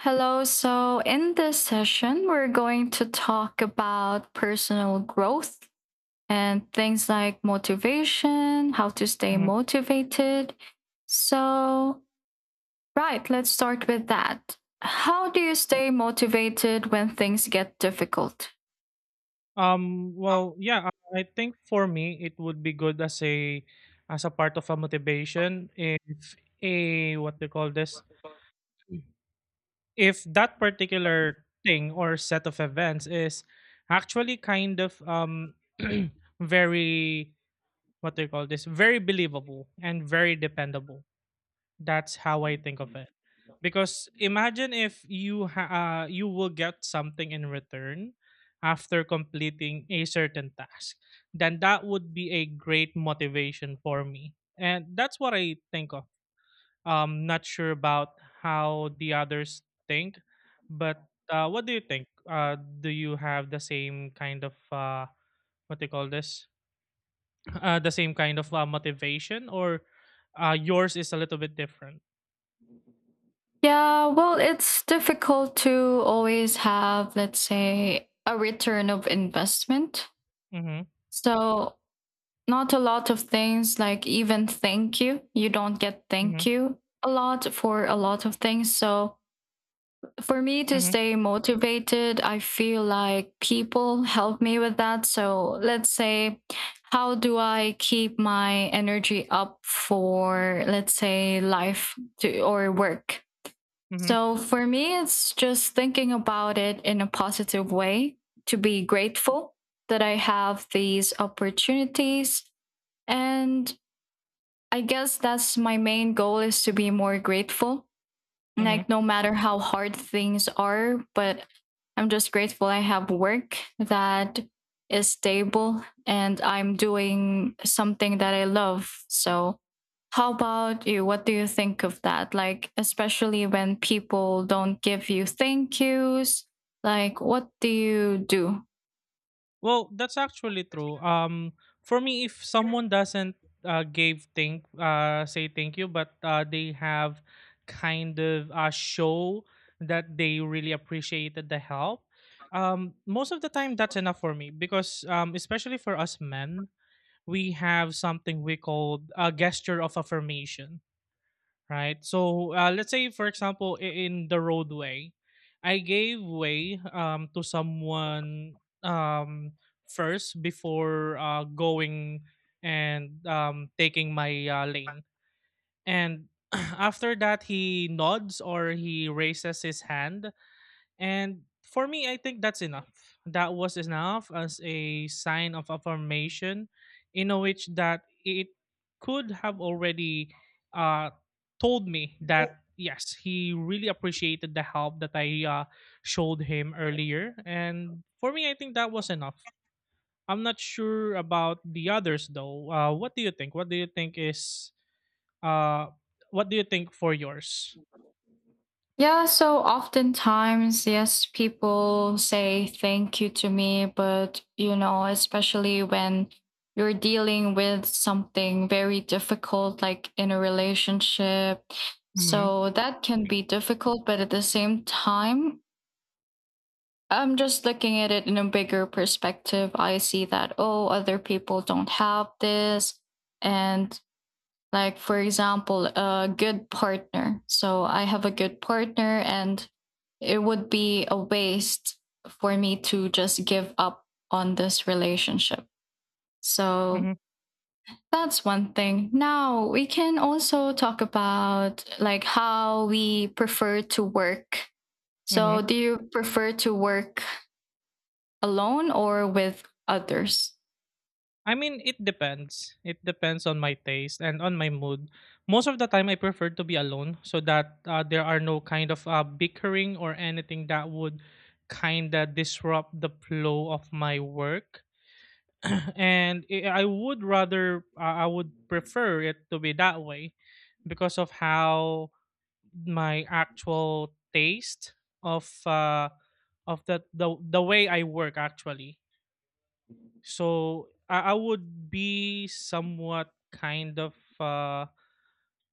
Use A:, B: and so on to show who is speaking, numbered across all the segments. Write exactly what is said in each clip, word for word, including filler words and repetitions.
A: Hello. So, in this session, we're going to talk about personal growth and things like motivation, how to stay
B: Mhm.
A: motivated. So, right, let's start with that. How do you stay motivated when things get difficult?
B: Um, well, yeah, I I think for me it would be good as a as a part of a motivation if a what they call this if that particular thing or set of events is actually kind of um very what they call this very believable and very dependable. That's how I think of it. Because imagine if you ha- uh, you will get something in return after completing a certain task, then that would be a great motivation for me, and that's what I think of. Um not sure about how the others think, but uh, what do you think? Uh do you have the same kind of uh what do you call this uh the same kind of uh, motivation, or uh yours is a little bit different?
A: Yeah, well, it's difficult to always have, let's say, a return of investment.
B: Mm-hmm.
A: So, not a lot of things, like, even thank you, you don't get
B: Mm-hmm.
A: thank you a lot for a lot of things. So for me to
B: Mm-hmm.
A: stay motivated, I feel like people help me with that. So let's say, how do I keep my energy up for, let's say, life to, or work.
B: Mm-hmm.
A: So for me, it's just thinking about it in a positive way, to be grateful that I have these opportunities. And I guess that's my main goal, is to be more grateful.
B: Mm-hmm.
A: Like, no matter how hard things are, but I'm just grateful I have work that is stable and I'm doing something that I love. So how about you? What do you think of that? Like, especially when people don't give you thank yous, like, what do you do?
B: Well, that's actually true. Um, for me, if someone doesn't uh, give thank uh, say thank you, but uh, they have kind of uh, show that they really appreciated the help. Um, most of the time, that's enough for me because, um, especially for us men, we have something we call a gesture of affirmation, right? So uh, let's say, for example, i- in the roadway, I gave way um, to someone, um, first before uh, going and um, taking my uh, lane. And after that, he nods or he raises his hand, and for me, I think that's enough. That was enough as a sign of affirmation, in a which that it could have already uh, told me that yes, he really appreciated the help that I uh, showed him earlier. And for me, I think that was enough. I'm not sure about the others though. Uh, what do you think? What do you think is uh, what do you think for yours?
A: Yeah, so oftentimes, yes, people say thank you to me, but you know, especially when you're dealing with something very difficult, like in a relationship.
B: Mm-hmm.
A: So that can be difficult, but at the same time, I'm just looking at it in a bigger perspective. I see that, oh, other people don't have this. And, like, for example, a good partner. So I have a good partner, and it would be a waste for me to just give up on this relationship.
B: Mm-hmm.
A: So that's one thing. Now we can also talk about, like, how we prefer to work. So do you prefer to work alone or with others?
B: I mean, it depends. It depends on my taste and on my mood. Most of the time, I prefer to be alone so that uh, there are no kind of uh, bickering or anything that would kind of disrupt the flow of my work. And I I would rather, uh, I would prefer it to be that way because of how my actual taste of uh, of the, the the way I work actually, so I, I would be somewhat kind of uh,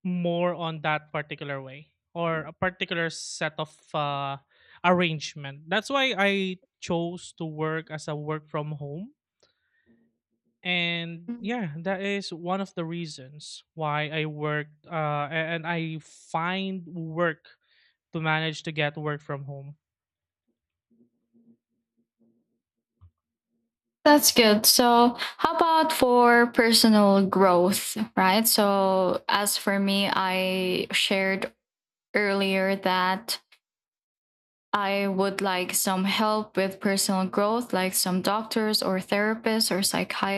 B: more on that particular way or a particular set of uh, arrangement. That's why I chose to work as a work from home. And yeah, that is one of the reasons why I work uh, a- and I find work to manage to get work from home.
A: That's good. So, how about for personal growth, right? So, as for me, I shared earlier that I would like some help with personal growth, like some doctors or therapists or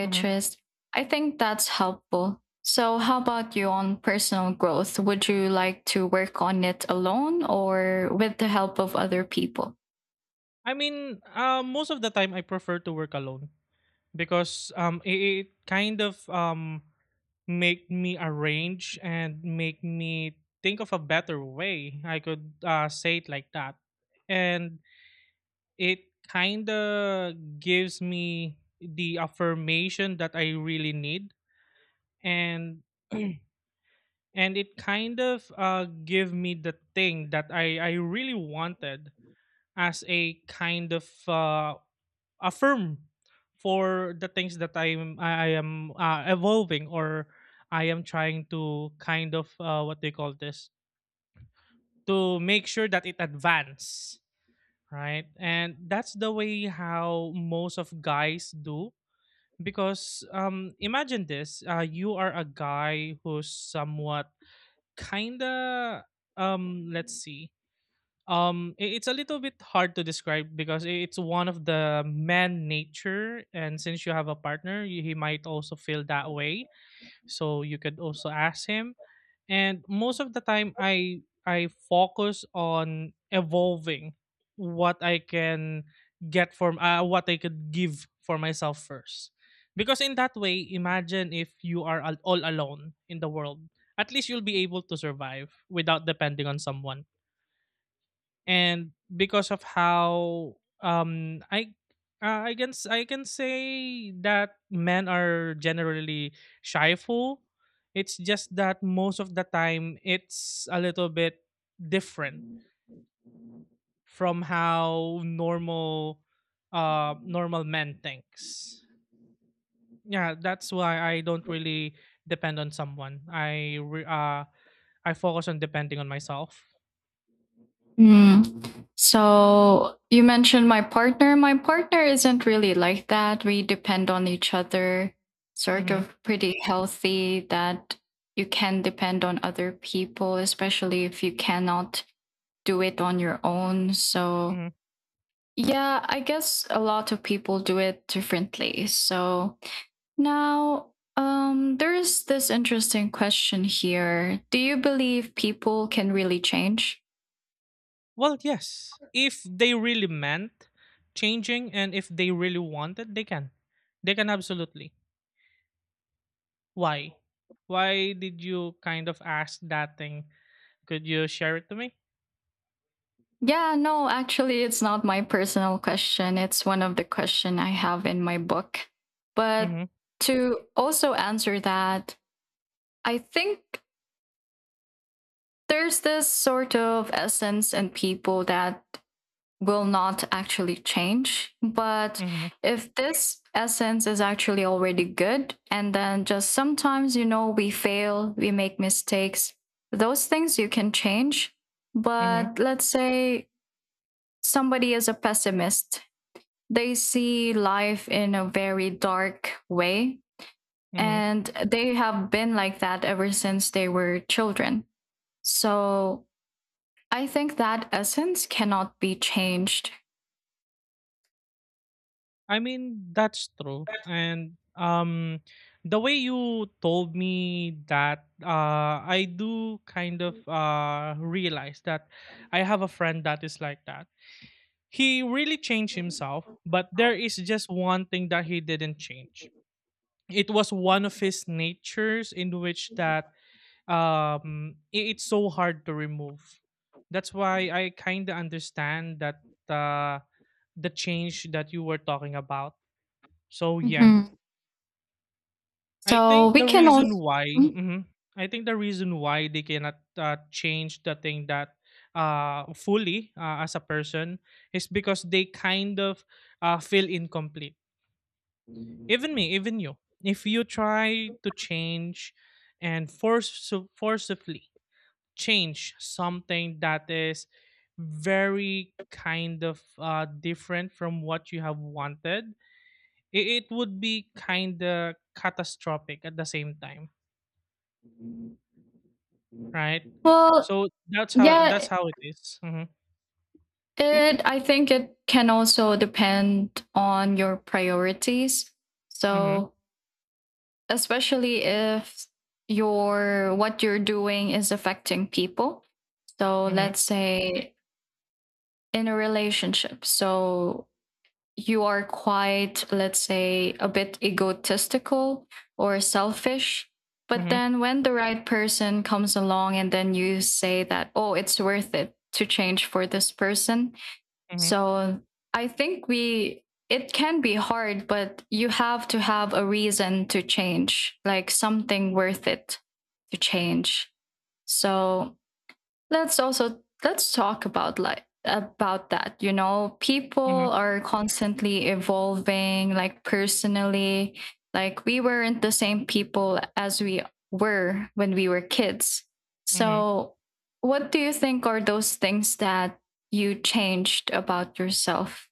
B: Mhm.
A: I think that's helpful. So, how about you on personal growth? Would you like to work on it alone or with the help of other people?
B: I mean, uh, most of the time I prefer to work alone because um, it, it kind of um, make me arrange and make me think of a better way. I could uh, say it like that. And it kind of gives me the affirmation that I really need. And and it kind of uh, give me the thing that I, I really wanted as a kind of uh, affirm for the things that I'm I, I am uh, evolving, or I am trying to kind of uh, what they call this to make sure that it advance, right? And that's the way how most of guys do because um imagine this, uh, you are a guy who's somewhat kinda um let's see um, I- it's a little bit hard to describe because i- it's one of the man nature, and since you have a partner, y- he might also feel that way. So you could also ask him. And most of the time, I I focus on evolving what I can get from uh, what I could give for myself first, because in that way, imagine if you are al- all alone in the world, at least you'll be able to survive without depending on someone. And because of how um i uh, I can s- I can say that men are generally shyful. It's just that most of the time it's a little bit different from how normal uh normal men thinks. Yeah, that's why I don't really depend on someone. i re- uh I focus on depending on myself.
A: Hmm. So, you mentioned my partner. My partner isn't really like that. We depend on each other, sort
B: Hmm.
A: of pretty healthy that you can depend on other people, especially if you cannot do it on your own. So, yeah, I guess a lot of people do it differently. So, now um there's this interesting question here. Do you believe people can really change?
B: Well, yes. If they really meant changing and if they really wanted, they can. They can absolutely. Why? Why did you kind of ask that thing? Could you share it to me?
A: Yeah, no, actually, it's not my personal question. It's one of the question I have in my book. But
B: Mhm.
A: to also answer that, I think there's this sort of essence in people that will not actually change. But
B: Mhm.
A: if this essence is actually already good, and then just sometimes, you know, we fail, we make mistakes, those things you can change.
B: Mhm.
A: But let's say somebody is a pessimist, they see life in a very dark way,
B: Mhm.
A: and they have been like that ever since they were children. So I think that essence cannot be changed.
B: I mean, that's true. And um the way you told me that, uh I do kind of uh realize that I have a friend that is like that. He really changed himself, but there is just one thing that he didn't change. It was one of his natures in which that um i- it's so hard to remove. That's why I kind of understand that uh, the change that you were talking about. So yeah, I
A: So
B: think
A: we
B: the
A: can also,
B: reason why, mhm, I think the reason why they cannot uh, change the thing that uh, fully uh, as a person is because they kind of uh, feel incomplete. Even me, even you. If you try to change and force so, forcibly change something that is very kind of uh, different from what you have wanted, it, it would be kind of catastrophic at the same time. Right?
A: well,
B: So that's how that's
A: yeah,
B: how it is. Mhm.
A: it, I think it can also depend on your priorities.
B: Mhm.
A: So, especially if your what you're doing is affecting people. So,
B: Mhm.
A: let's say, in a relationship. So, you are quite, let's say, a bit egotistical or selfish. But
B: Mhm.
A: then when the right person comes along, and then you say that, oh, it's worth it to change for this person.
B: Mhm.
A: So I think we, it can be hard, but you have to have a reason to change, like something worth it to change. So, Let's also let's talk about, like, about that. You know,
B: Mhm.
A: people are constantly evolving, like, personally. Like, we weren't the same people as we were when we were kids.
B: Mhm.
A: So, what do you think are those things that you changed about yourself?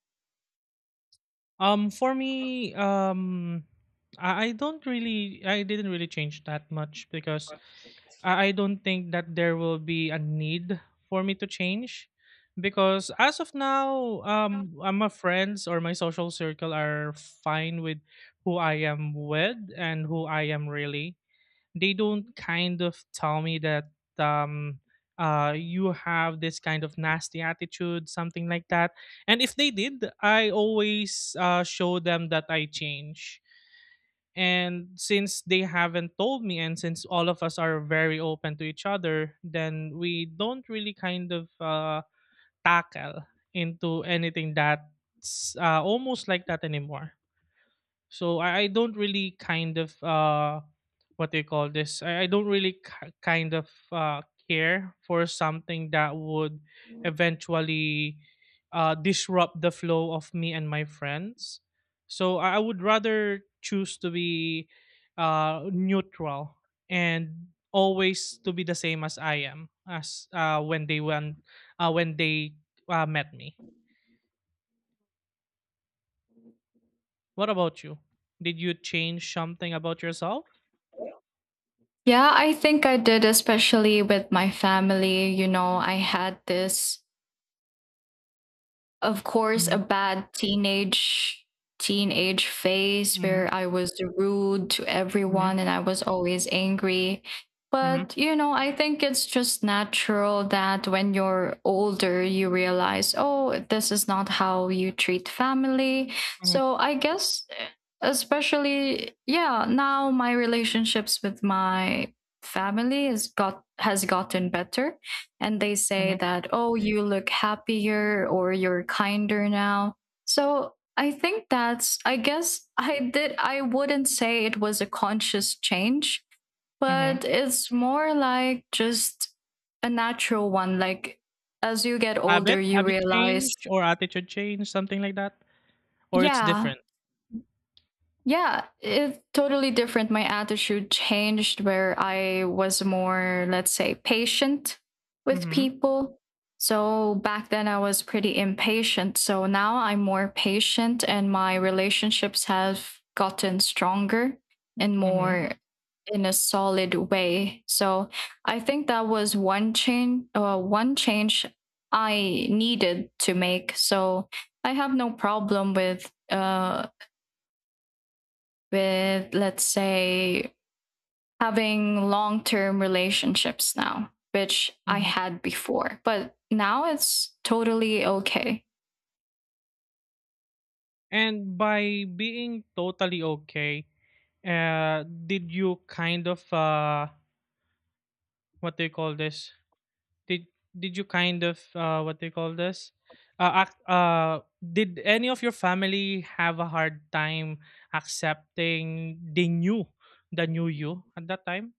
B: Um, for me, um, I, I don't really, I didn't really change that much because I, I don't think that there will be a need for me to change because as of now, um, uh, my friends or my social circle are fine with who I am with and who I am really. They don't kind of tell me that um uh you have this kind of nasty attitude, something like that. And if they did, I always uh show them that I change. And since they haven't told me and since all of us are very open to each other, then we don't really kind of uh tackle into anything that's uh, almost like that anymore. So I, I don't really kind of uh what they call this. I, I don't really ki kind of uh care for something that would eventually uh disrupt the flow of me and my friends. So I I would rather choose to be uh neutral and always to be the same as I am as uh when they went uh when they uh, met me. What about you? Did you change something about yourself?
A: Yeah, I think I did, especially with my family. You know, I had this, of course, a bad teenage teenage phase
B: Mm-hmm.
A: where I was rude to
B: Mhm.
A: everyone and I was always angry.
B: Mhm.
A: But you know, I think it's just natural that when you're older, you realize, oh, this is not how you treat family.
B: Mhm.
A: So I guess, eh, especially, yeah, now my relationships with my family has got has gotten better, and they say
B: Mhm.
A: that, oh, you look happier or you're kinder now. So I think that's, I guess I did, I wouldn't say it was a conscious change,
B: Mhm.
A: but it's more like just a natural one. Like, as you get older,
B: Habit
A: you
B: habit
A: realize,
B: change or attitude change, something like that? Or it's
A: yeah.
B: different?
A: Yeah, it's totally different. My attitude changed where I was more, let's say, patient with
B: Mhm.
A: people. So back then I was pretty impatient. So now I'm more patient and my relationships have gotten stronger and
B: Mhm.
A: more in a solid way. So I think that was one change uh, one change I needed to make. So I have no problem with uh with, let's say, having long term relationships now, which I
B: Mhm.
A: had before. But now it's totally okay.
B: And by being totally okay, uh, did you kind of, uh, what do you call this? Did did you kind of, uh, what do you call this? Uh, ac- uh, did any of your family have a hard time accepting the new, the new you at that time,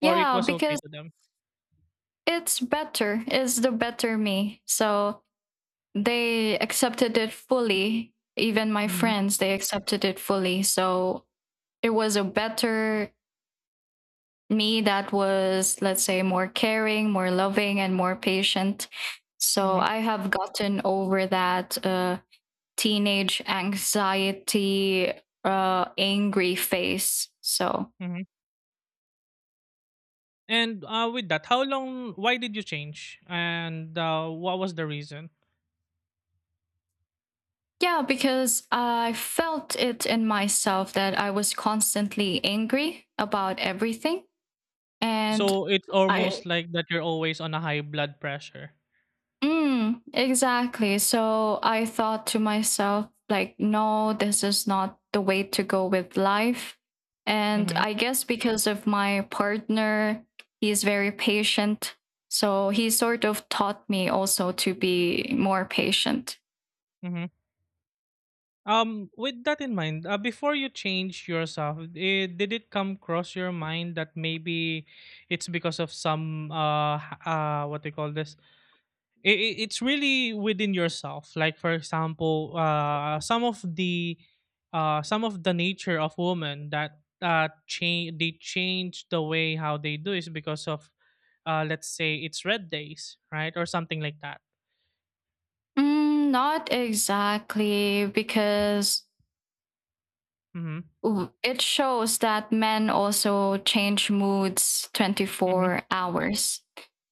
B: or it
A: Yeah,
B: was okay
A: because
B: to them?
A: it's better, it's the better me. So they accepted it fully. Even my
B: Mm-hmm.
A: friends, they accepted it fully. So it was a better me that was, let's say, more caring, more loving, and more patient. So
B: Mm-hmm.
A: I have gotten over that uh, teenage anxiety, uh, angry phase. So,
B: Hmm. And uh, with that, how long? Why did you change? And uh, what was the reason?
A: yeah, because I felt it in myself that I was constantly angry about everything. And
B: So it's
A: I
B: almost like that you're always on a high blood pressure.
A: Mm, exactly. So I thought to myself, like, no, this is not the way to go with life. And
B: Mm-hmm.
A: I guess because of my partner, he's very patient. So he sort of taught me also to be more patient.
B: Mm-hmm. Um, with that in mind, uh, before you change yourself, it, did it come across your mind that maybe it's because of some uh h- uh what do you call this it, it- it's really within yourself, like for example uh some of the uh some of the nature of women that uh change, they change the way how they do is because of uh let's say it's red days, right, or something like that?
A: Mm, not exactly, because
B: Mm-hmm.
A: w- it shows that men also change moods
B: Mm-hmm.
A: twenty-four hours.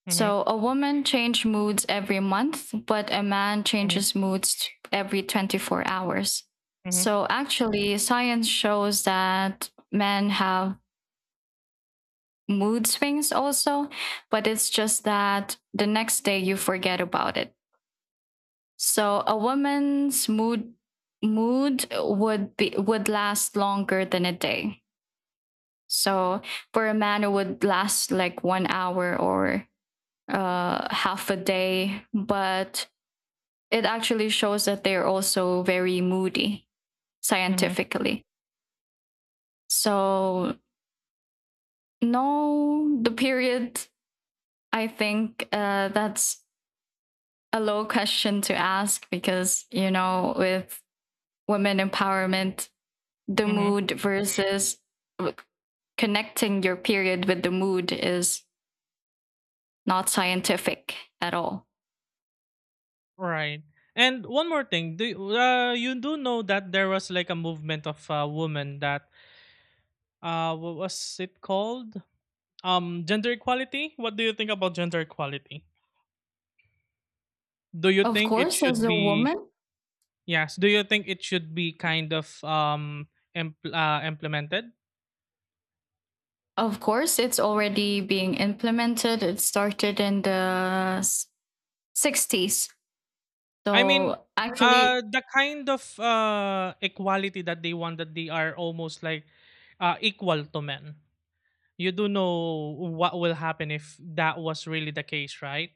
B: Mm-hmm.
A: So a woman changes moods every month, but a man
B: Mm-hmm.
A: changes moods every twenty-four hours.
B: Mm-hmm.
A: So, actually, science shows that men have mood swings also, but it's just that the next day you forget about it. So a woman's mood mood would be would last longer than a day. So for a man it would last like one hour or uh half a day, but it actually shows that they're also very moody
B: Mm-hmm.
A: scientifically. So, no, the period, I think uh, that's a low question to ask because, you know, with women empowerment, the
B: Mm-hmm.
A: mood versus connecting your period with the mood is not scientific at all.
B: Right. And one more thing, do you, uh, you do know that there was like a movement of uh, women that uh what was it called? Um, gender equality? What do you think about gender equality? Do you
A: Of
B: think it
A: course, as
B: should
A: a
B: be
A: woman,
B: yes, do you think it should be kind of um impl- uh, implemented?
A: of course, it's already being implemented. It started in the s- sixties.
B: I mean,
A: So
B: uh
A: actually,
B: the kind of uh equality that they want, that they are almost like uh equal to men. You do know what will happen if that was really the case, right?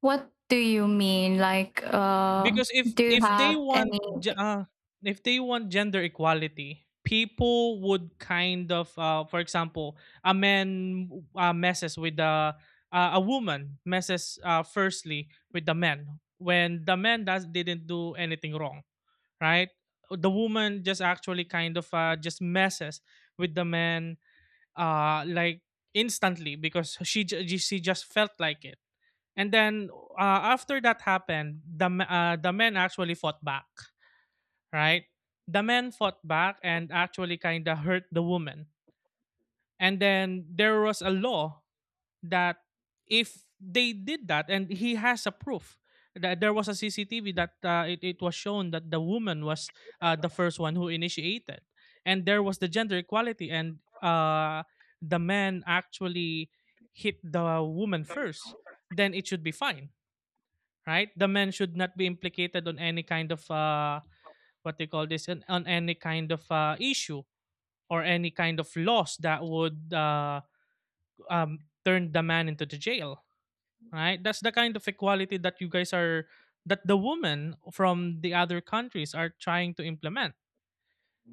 A: what do you mean? Like, uh,
B: Because if
A: do you
B: if they
A: have
B: want
A: any?
B: ge- uh, if they want gender equality, people would kind of uh, for example, a man uh, messes with the uh, a woman messes uh, firstly with the man when the man does didn't do anything wrong, right? The woman just actually kind of uh, just messes with the man, uh, like instantly because she, ju- she just felt like it. And then uh, after that happened, the m- uh, the men actually fought back, right? The men fought back and actually kind of hurt the woman. And then there was a law that if they did that, and he has a proof that there was a C C T V that uh, it, it was shown that the woman was uh, the first one who initiated, and there was the gender equality, and uh, the man actually hit the woman first, then it should be fine, right? The men should not be implicated on any kind of uh, what they call this, on on any kind of uh, issue or any kind of laws that would uh, um, turn the man into the jail, right? That's the kind of equality that you guys are that the women from the other countries are trying to implement.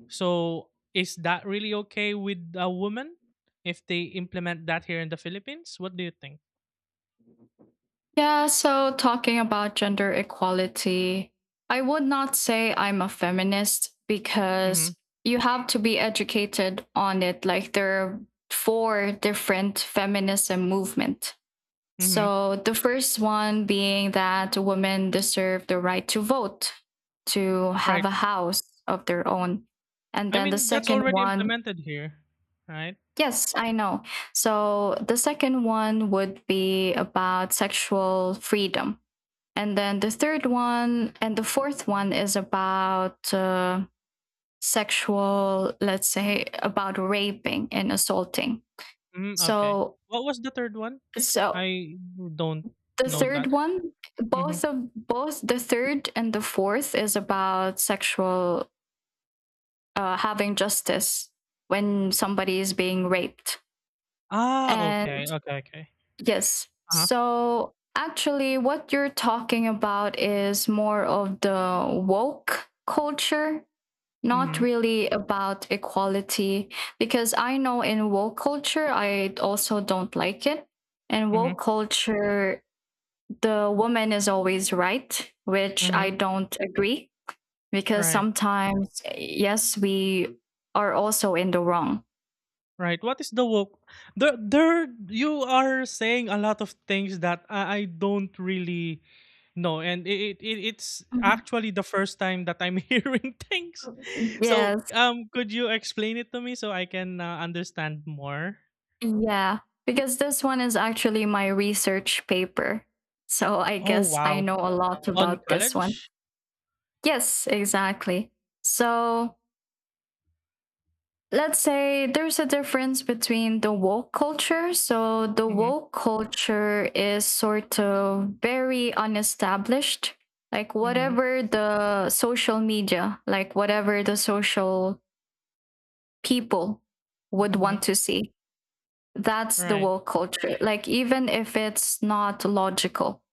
B: So is that really okay with a woman if they implement that here in the Philippines? What do you think?
A: Yeah, so talking about gender equality, I would not say I'm a feminist
B: Mm-hmm.
A: because you have to be educated on it. Like, there are four different feminism movement.
B: Mm-hmm.
A: So the first one being that women deserve the right to vote, to have
B: Right.
A: a house of their own. And
B: I
A: then the
B: mean, that's
A: second
B: already
A: one.
B: implemented here, right?
A: Yes, I know. So the second one would be about sexual freedom. And then the third one and the fourth one is about uh, sexual, let's say, about raping and assaulting.
B: Mm, okay.
A: So,
B: What was the third one?
A: so
B: I don't
A: the
B: know
A: third
B: that.
A: one,
B: Mhm.
A: both of both the third and the fourth is about sexual, uh, having justice when somebody is being raped.
B: Ah, okay.
A: And
B: Okay, okay.
A: yes.
B: Uh-huh.
A: So actually, what you're talking about is more of the woke culture, not
B: Mhm.
A: really about equality, because I know in woke culture, I also don't like it. In
B: Mhm.
A: woke culture, the woman is always right, which
B: Mhm.
A: I don't agree, because
B: Right.
A: sometimes, yes, we are also in the wrong.
B: Right. What is the woke? There there you are saying a lot of things that I, I don't really know and it, it it- it's
A: Mhm.
B: actually the first time that I'm hearing things. So,
A: Yes.
B: um could you explain it to me so I can uh, understand more?
A: Yeah, because this one is actually my research paper. So I
B: Oh,
A: guess I
B: wow.
A: know a lot
B: On
A: about this one.
B: college?
A: Yes, exactly. So let's say there's a difference between the woke culture. So the
B: Mhm.
A: woke culture is sort of very unestablished. Like,
B: Mhm.
A: whatever the social media, like, whatever the social people would want
B: Mhm.
A: to see. That's the
B: Right.
A: woke culture. Like, even if it's not logical,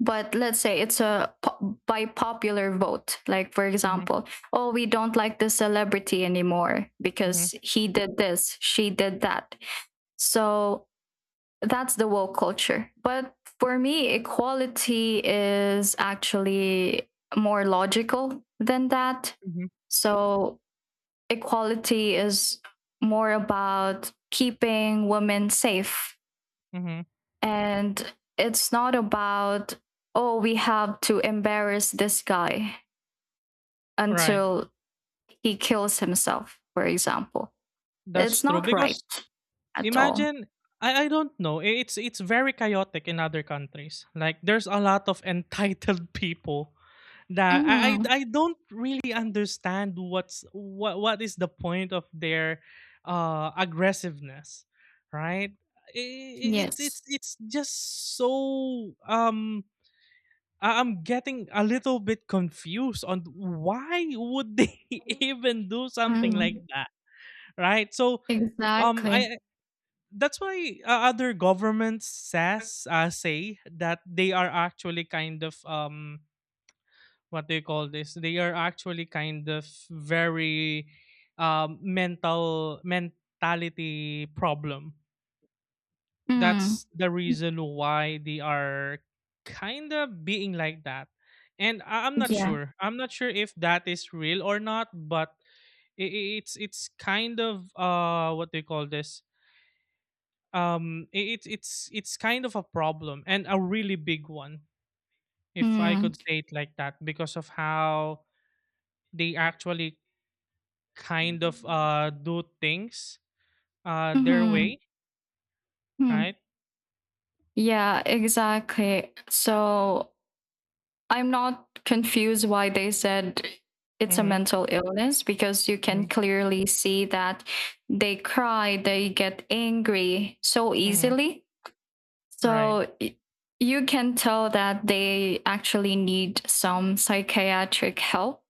A: but let's say it's a po- by popular vote. Like, for
B: Mhm,
A: example, oh, we don't like this celebrity anymore
B: mhm,
A: because he did this, she did that. So that's the woke culture. But for me, equality is actually more logical than that.
B: mhm,
A: So equality is more about keeping women safe,
B: mhm.
A: and it's not about, oh, we have to embarrass this guy
B: Right.
A: until he kills himself, for example.
B: That's
A: It's
B: true
A: not right
B: because
A: at all.
B: imagine I, I don't know. i- It's it's very chaotic in other countries. Like, there's a lot of entitled people that I
A: Hmm.
B: I, I don't really understand what's what what is the point of their uh aggressiveness, right? I- i- It's it's
A: Yes.
B: it's just so um I- I'm getting a little bit confused on why would they even do something like
A: Mm.
B: that, right? So, um,
A: Exactly.
B: I I- that's why uh, other governments says uh, say that they are actually kind of um what do you call this? They are actually kind of very um mental mentality problem,
A: Mm.
B: that's the reason why they are kind of being like that. And I- I'm not
A: Yeah.
B: sure, i'm not sure if that is real or not. But i i- it's it's kind of uh what they call this, um i- it's it's it's kind of a problem and a really big one, if I could
A: Mm.
B: say it like that, because of how they actually kind of uh do things uh their
A: Mm-hmm.
B: way, right?
A: Mm. Yeah, exactly. So I'm not confused why they said it's a
B: Mm-hmm,
A: mental illness because you can
B: mm-hmm,
A: clearly see that they cry, they get angry so
B: hmm.
A: easily.
B: Right.
A: So y- you can tell that they actually need some psychiatric help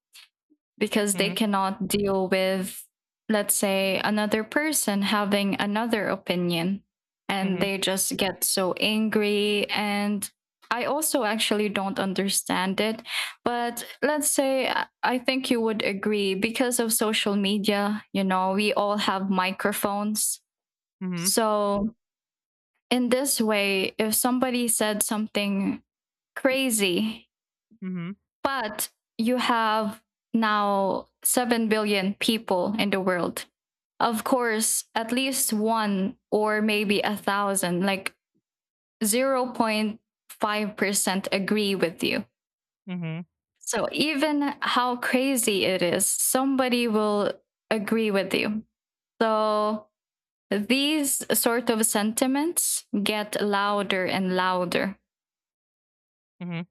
A: because they
B: Mm-hmm,
A: cannot deal with, let's say, another person having another opinion and
B: mm-hmm,
A: they just get so angry. And I also actually don't understand it. But let's say, I- I think you would agree because of social media, you know, we all have microphones.
B: mm-hmm,
A: So, in this way, if somebody said something crazy,
B: mm-hmm.
A: but you have now seven billion people in the world. Of course, at least one or maybe a thousand, like, zero point five percent agree with you.
B: Mhm,
A: So even how crazy it is, somebody will agree with you. So these sort of sentiments get louder and louder.
B: mhm.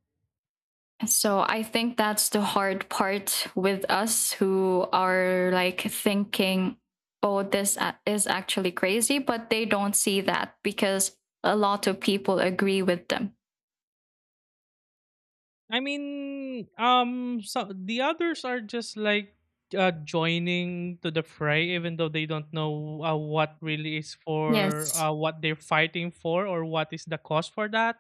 A: So I think that's the hard part with us who are like thinking, oh, this a- is actually crazy, but they don't see that because a lot of people agree with them.
B: I mean, um, so the others are just like uh, joining to the fray, even though they don't know uh, what really is for
A: Yes.
B: uh, what they're fighting for or what is the cause for that.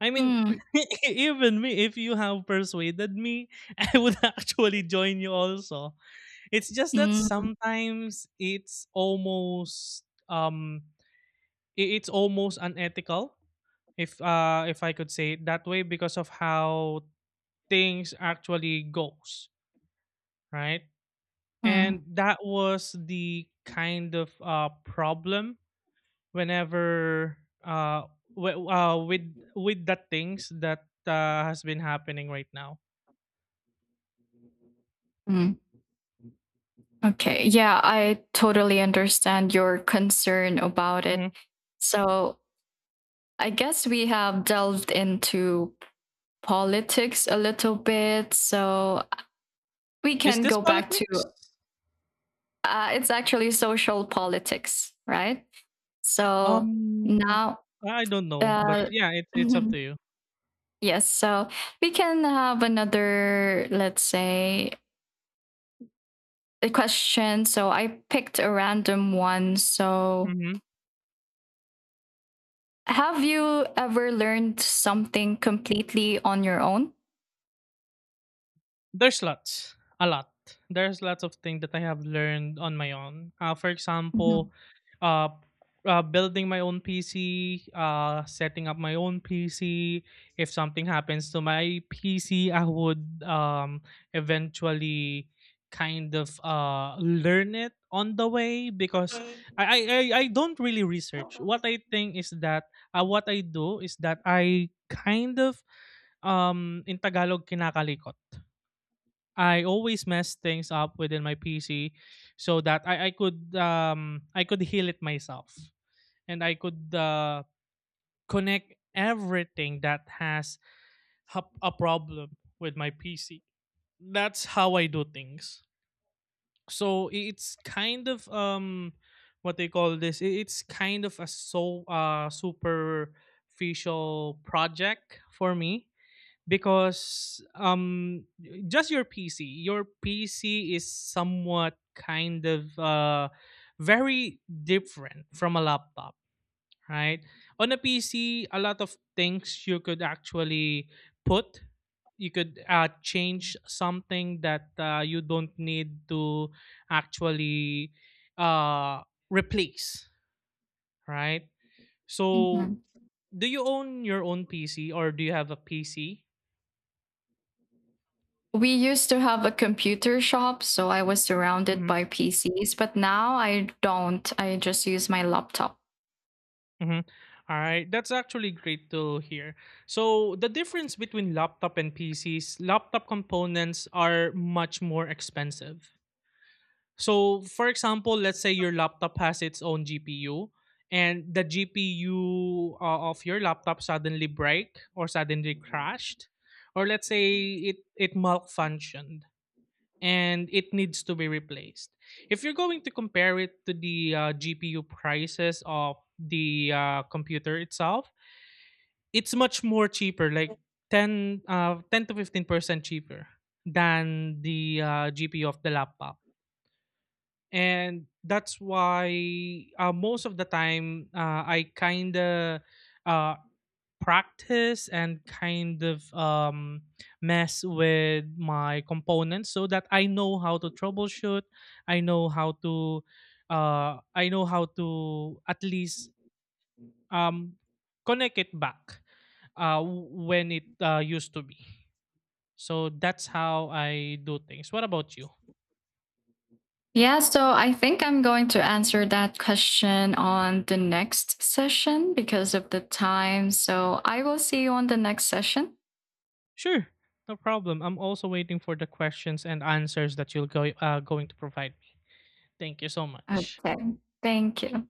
B: I mean,
A: Mm,
B: even me, if you have persuaded me, I would actually join you also. It's just that
A: mm,
B: sometimes it's almost um i- it's almost unethical, if uh if I could say it that way, because of how things actually goes, right?
A: mm,
B: And that was the kind of uh problem whenever uh, w- uh with with the things that uh, has been happening right now.
A: mm. Okay. Yeah, I totally understand your concern about it.
B: Mhm.
A: So I guess we have delved into politics a little bit. So we
B: Is
A: can
B: this
A: go back to.
B: politics?
A: Uh, it's actually social politics, right? So
B: Um
A: now,
B: I don't know, but
A: uh,
B: yeah, it's it's up to you.
A: yes, so we can have another, let's say, a question. So I picked a random one. So
B: Mm-hmm.
A: have you ever learned something completely on your own?
B: There's lots, a lot. There's lots of things that I have learned on my own. Uh, for example,
A: Mhm,
B: uh, uh, building my own P C, uh, setting up my own P C. If something happens to my P C, I would um, eventually kind of uh, learn it on the way, because I, I, I I don't really research. What I think is that uh, what I do is that I kind of um, in Tagalog, kinakalikot. I always mess things up within my P C so that I, I could um I could heal it myself and I could uh, connect everything that has hap- a problem with my P C. That's how I do things. So i- it's kind of um what they call this. i- It's kind of a so uh superficial project for me because um just your P C, your P C is somewhat kind of uh very different from a laptop, right? On a P C, a lot of things you could actually put you could uh, change something that uh, you don't need to actually uh, replace, right? So,
A: mhm.
B: do you own your own P C, or do you have a P C?
A: We used to have a computer shop, so I was surrounded by P Cs, but now I don't. I just use my laptop.
B: Mhm. All right, that's actually great to hear. So, the difference between laptop and P Cs, laptop components are much more expensive. So, for example, let's say your laptop has its own G P U and the G P U uh, of your laptop suddenly break or suddenly crashed, or let's say it it malfunctioned and it needs to be replaced. If you're going to compare it to the uh, G P U prices of the uh, computer itself, it's much more cheaper, like ten, uh, ten to fifteen percent cheaper than the uh, G P U of the laptop. And that's why uh, most of the time uh, I kind of uh, practice and kind of um, mess with my components so that I know how to troubleshoot. I know how to uh, I know how to at least um, connect it back uh, when it uh, used to be. So that's how I do things. What about you?
A: Yeah, so I think I'm going to answer that question on the next session because of the time. So I will see you on the next session.
B: Sure, no problem. I'm also waiting for the questions and answers that you're go- uh, going to provide me. Thank you so much.
A: Okay. Thank you.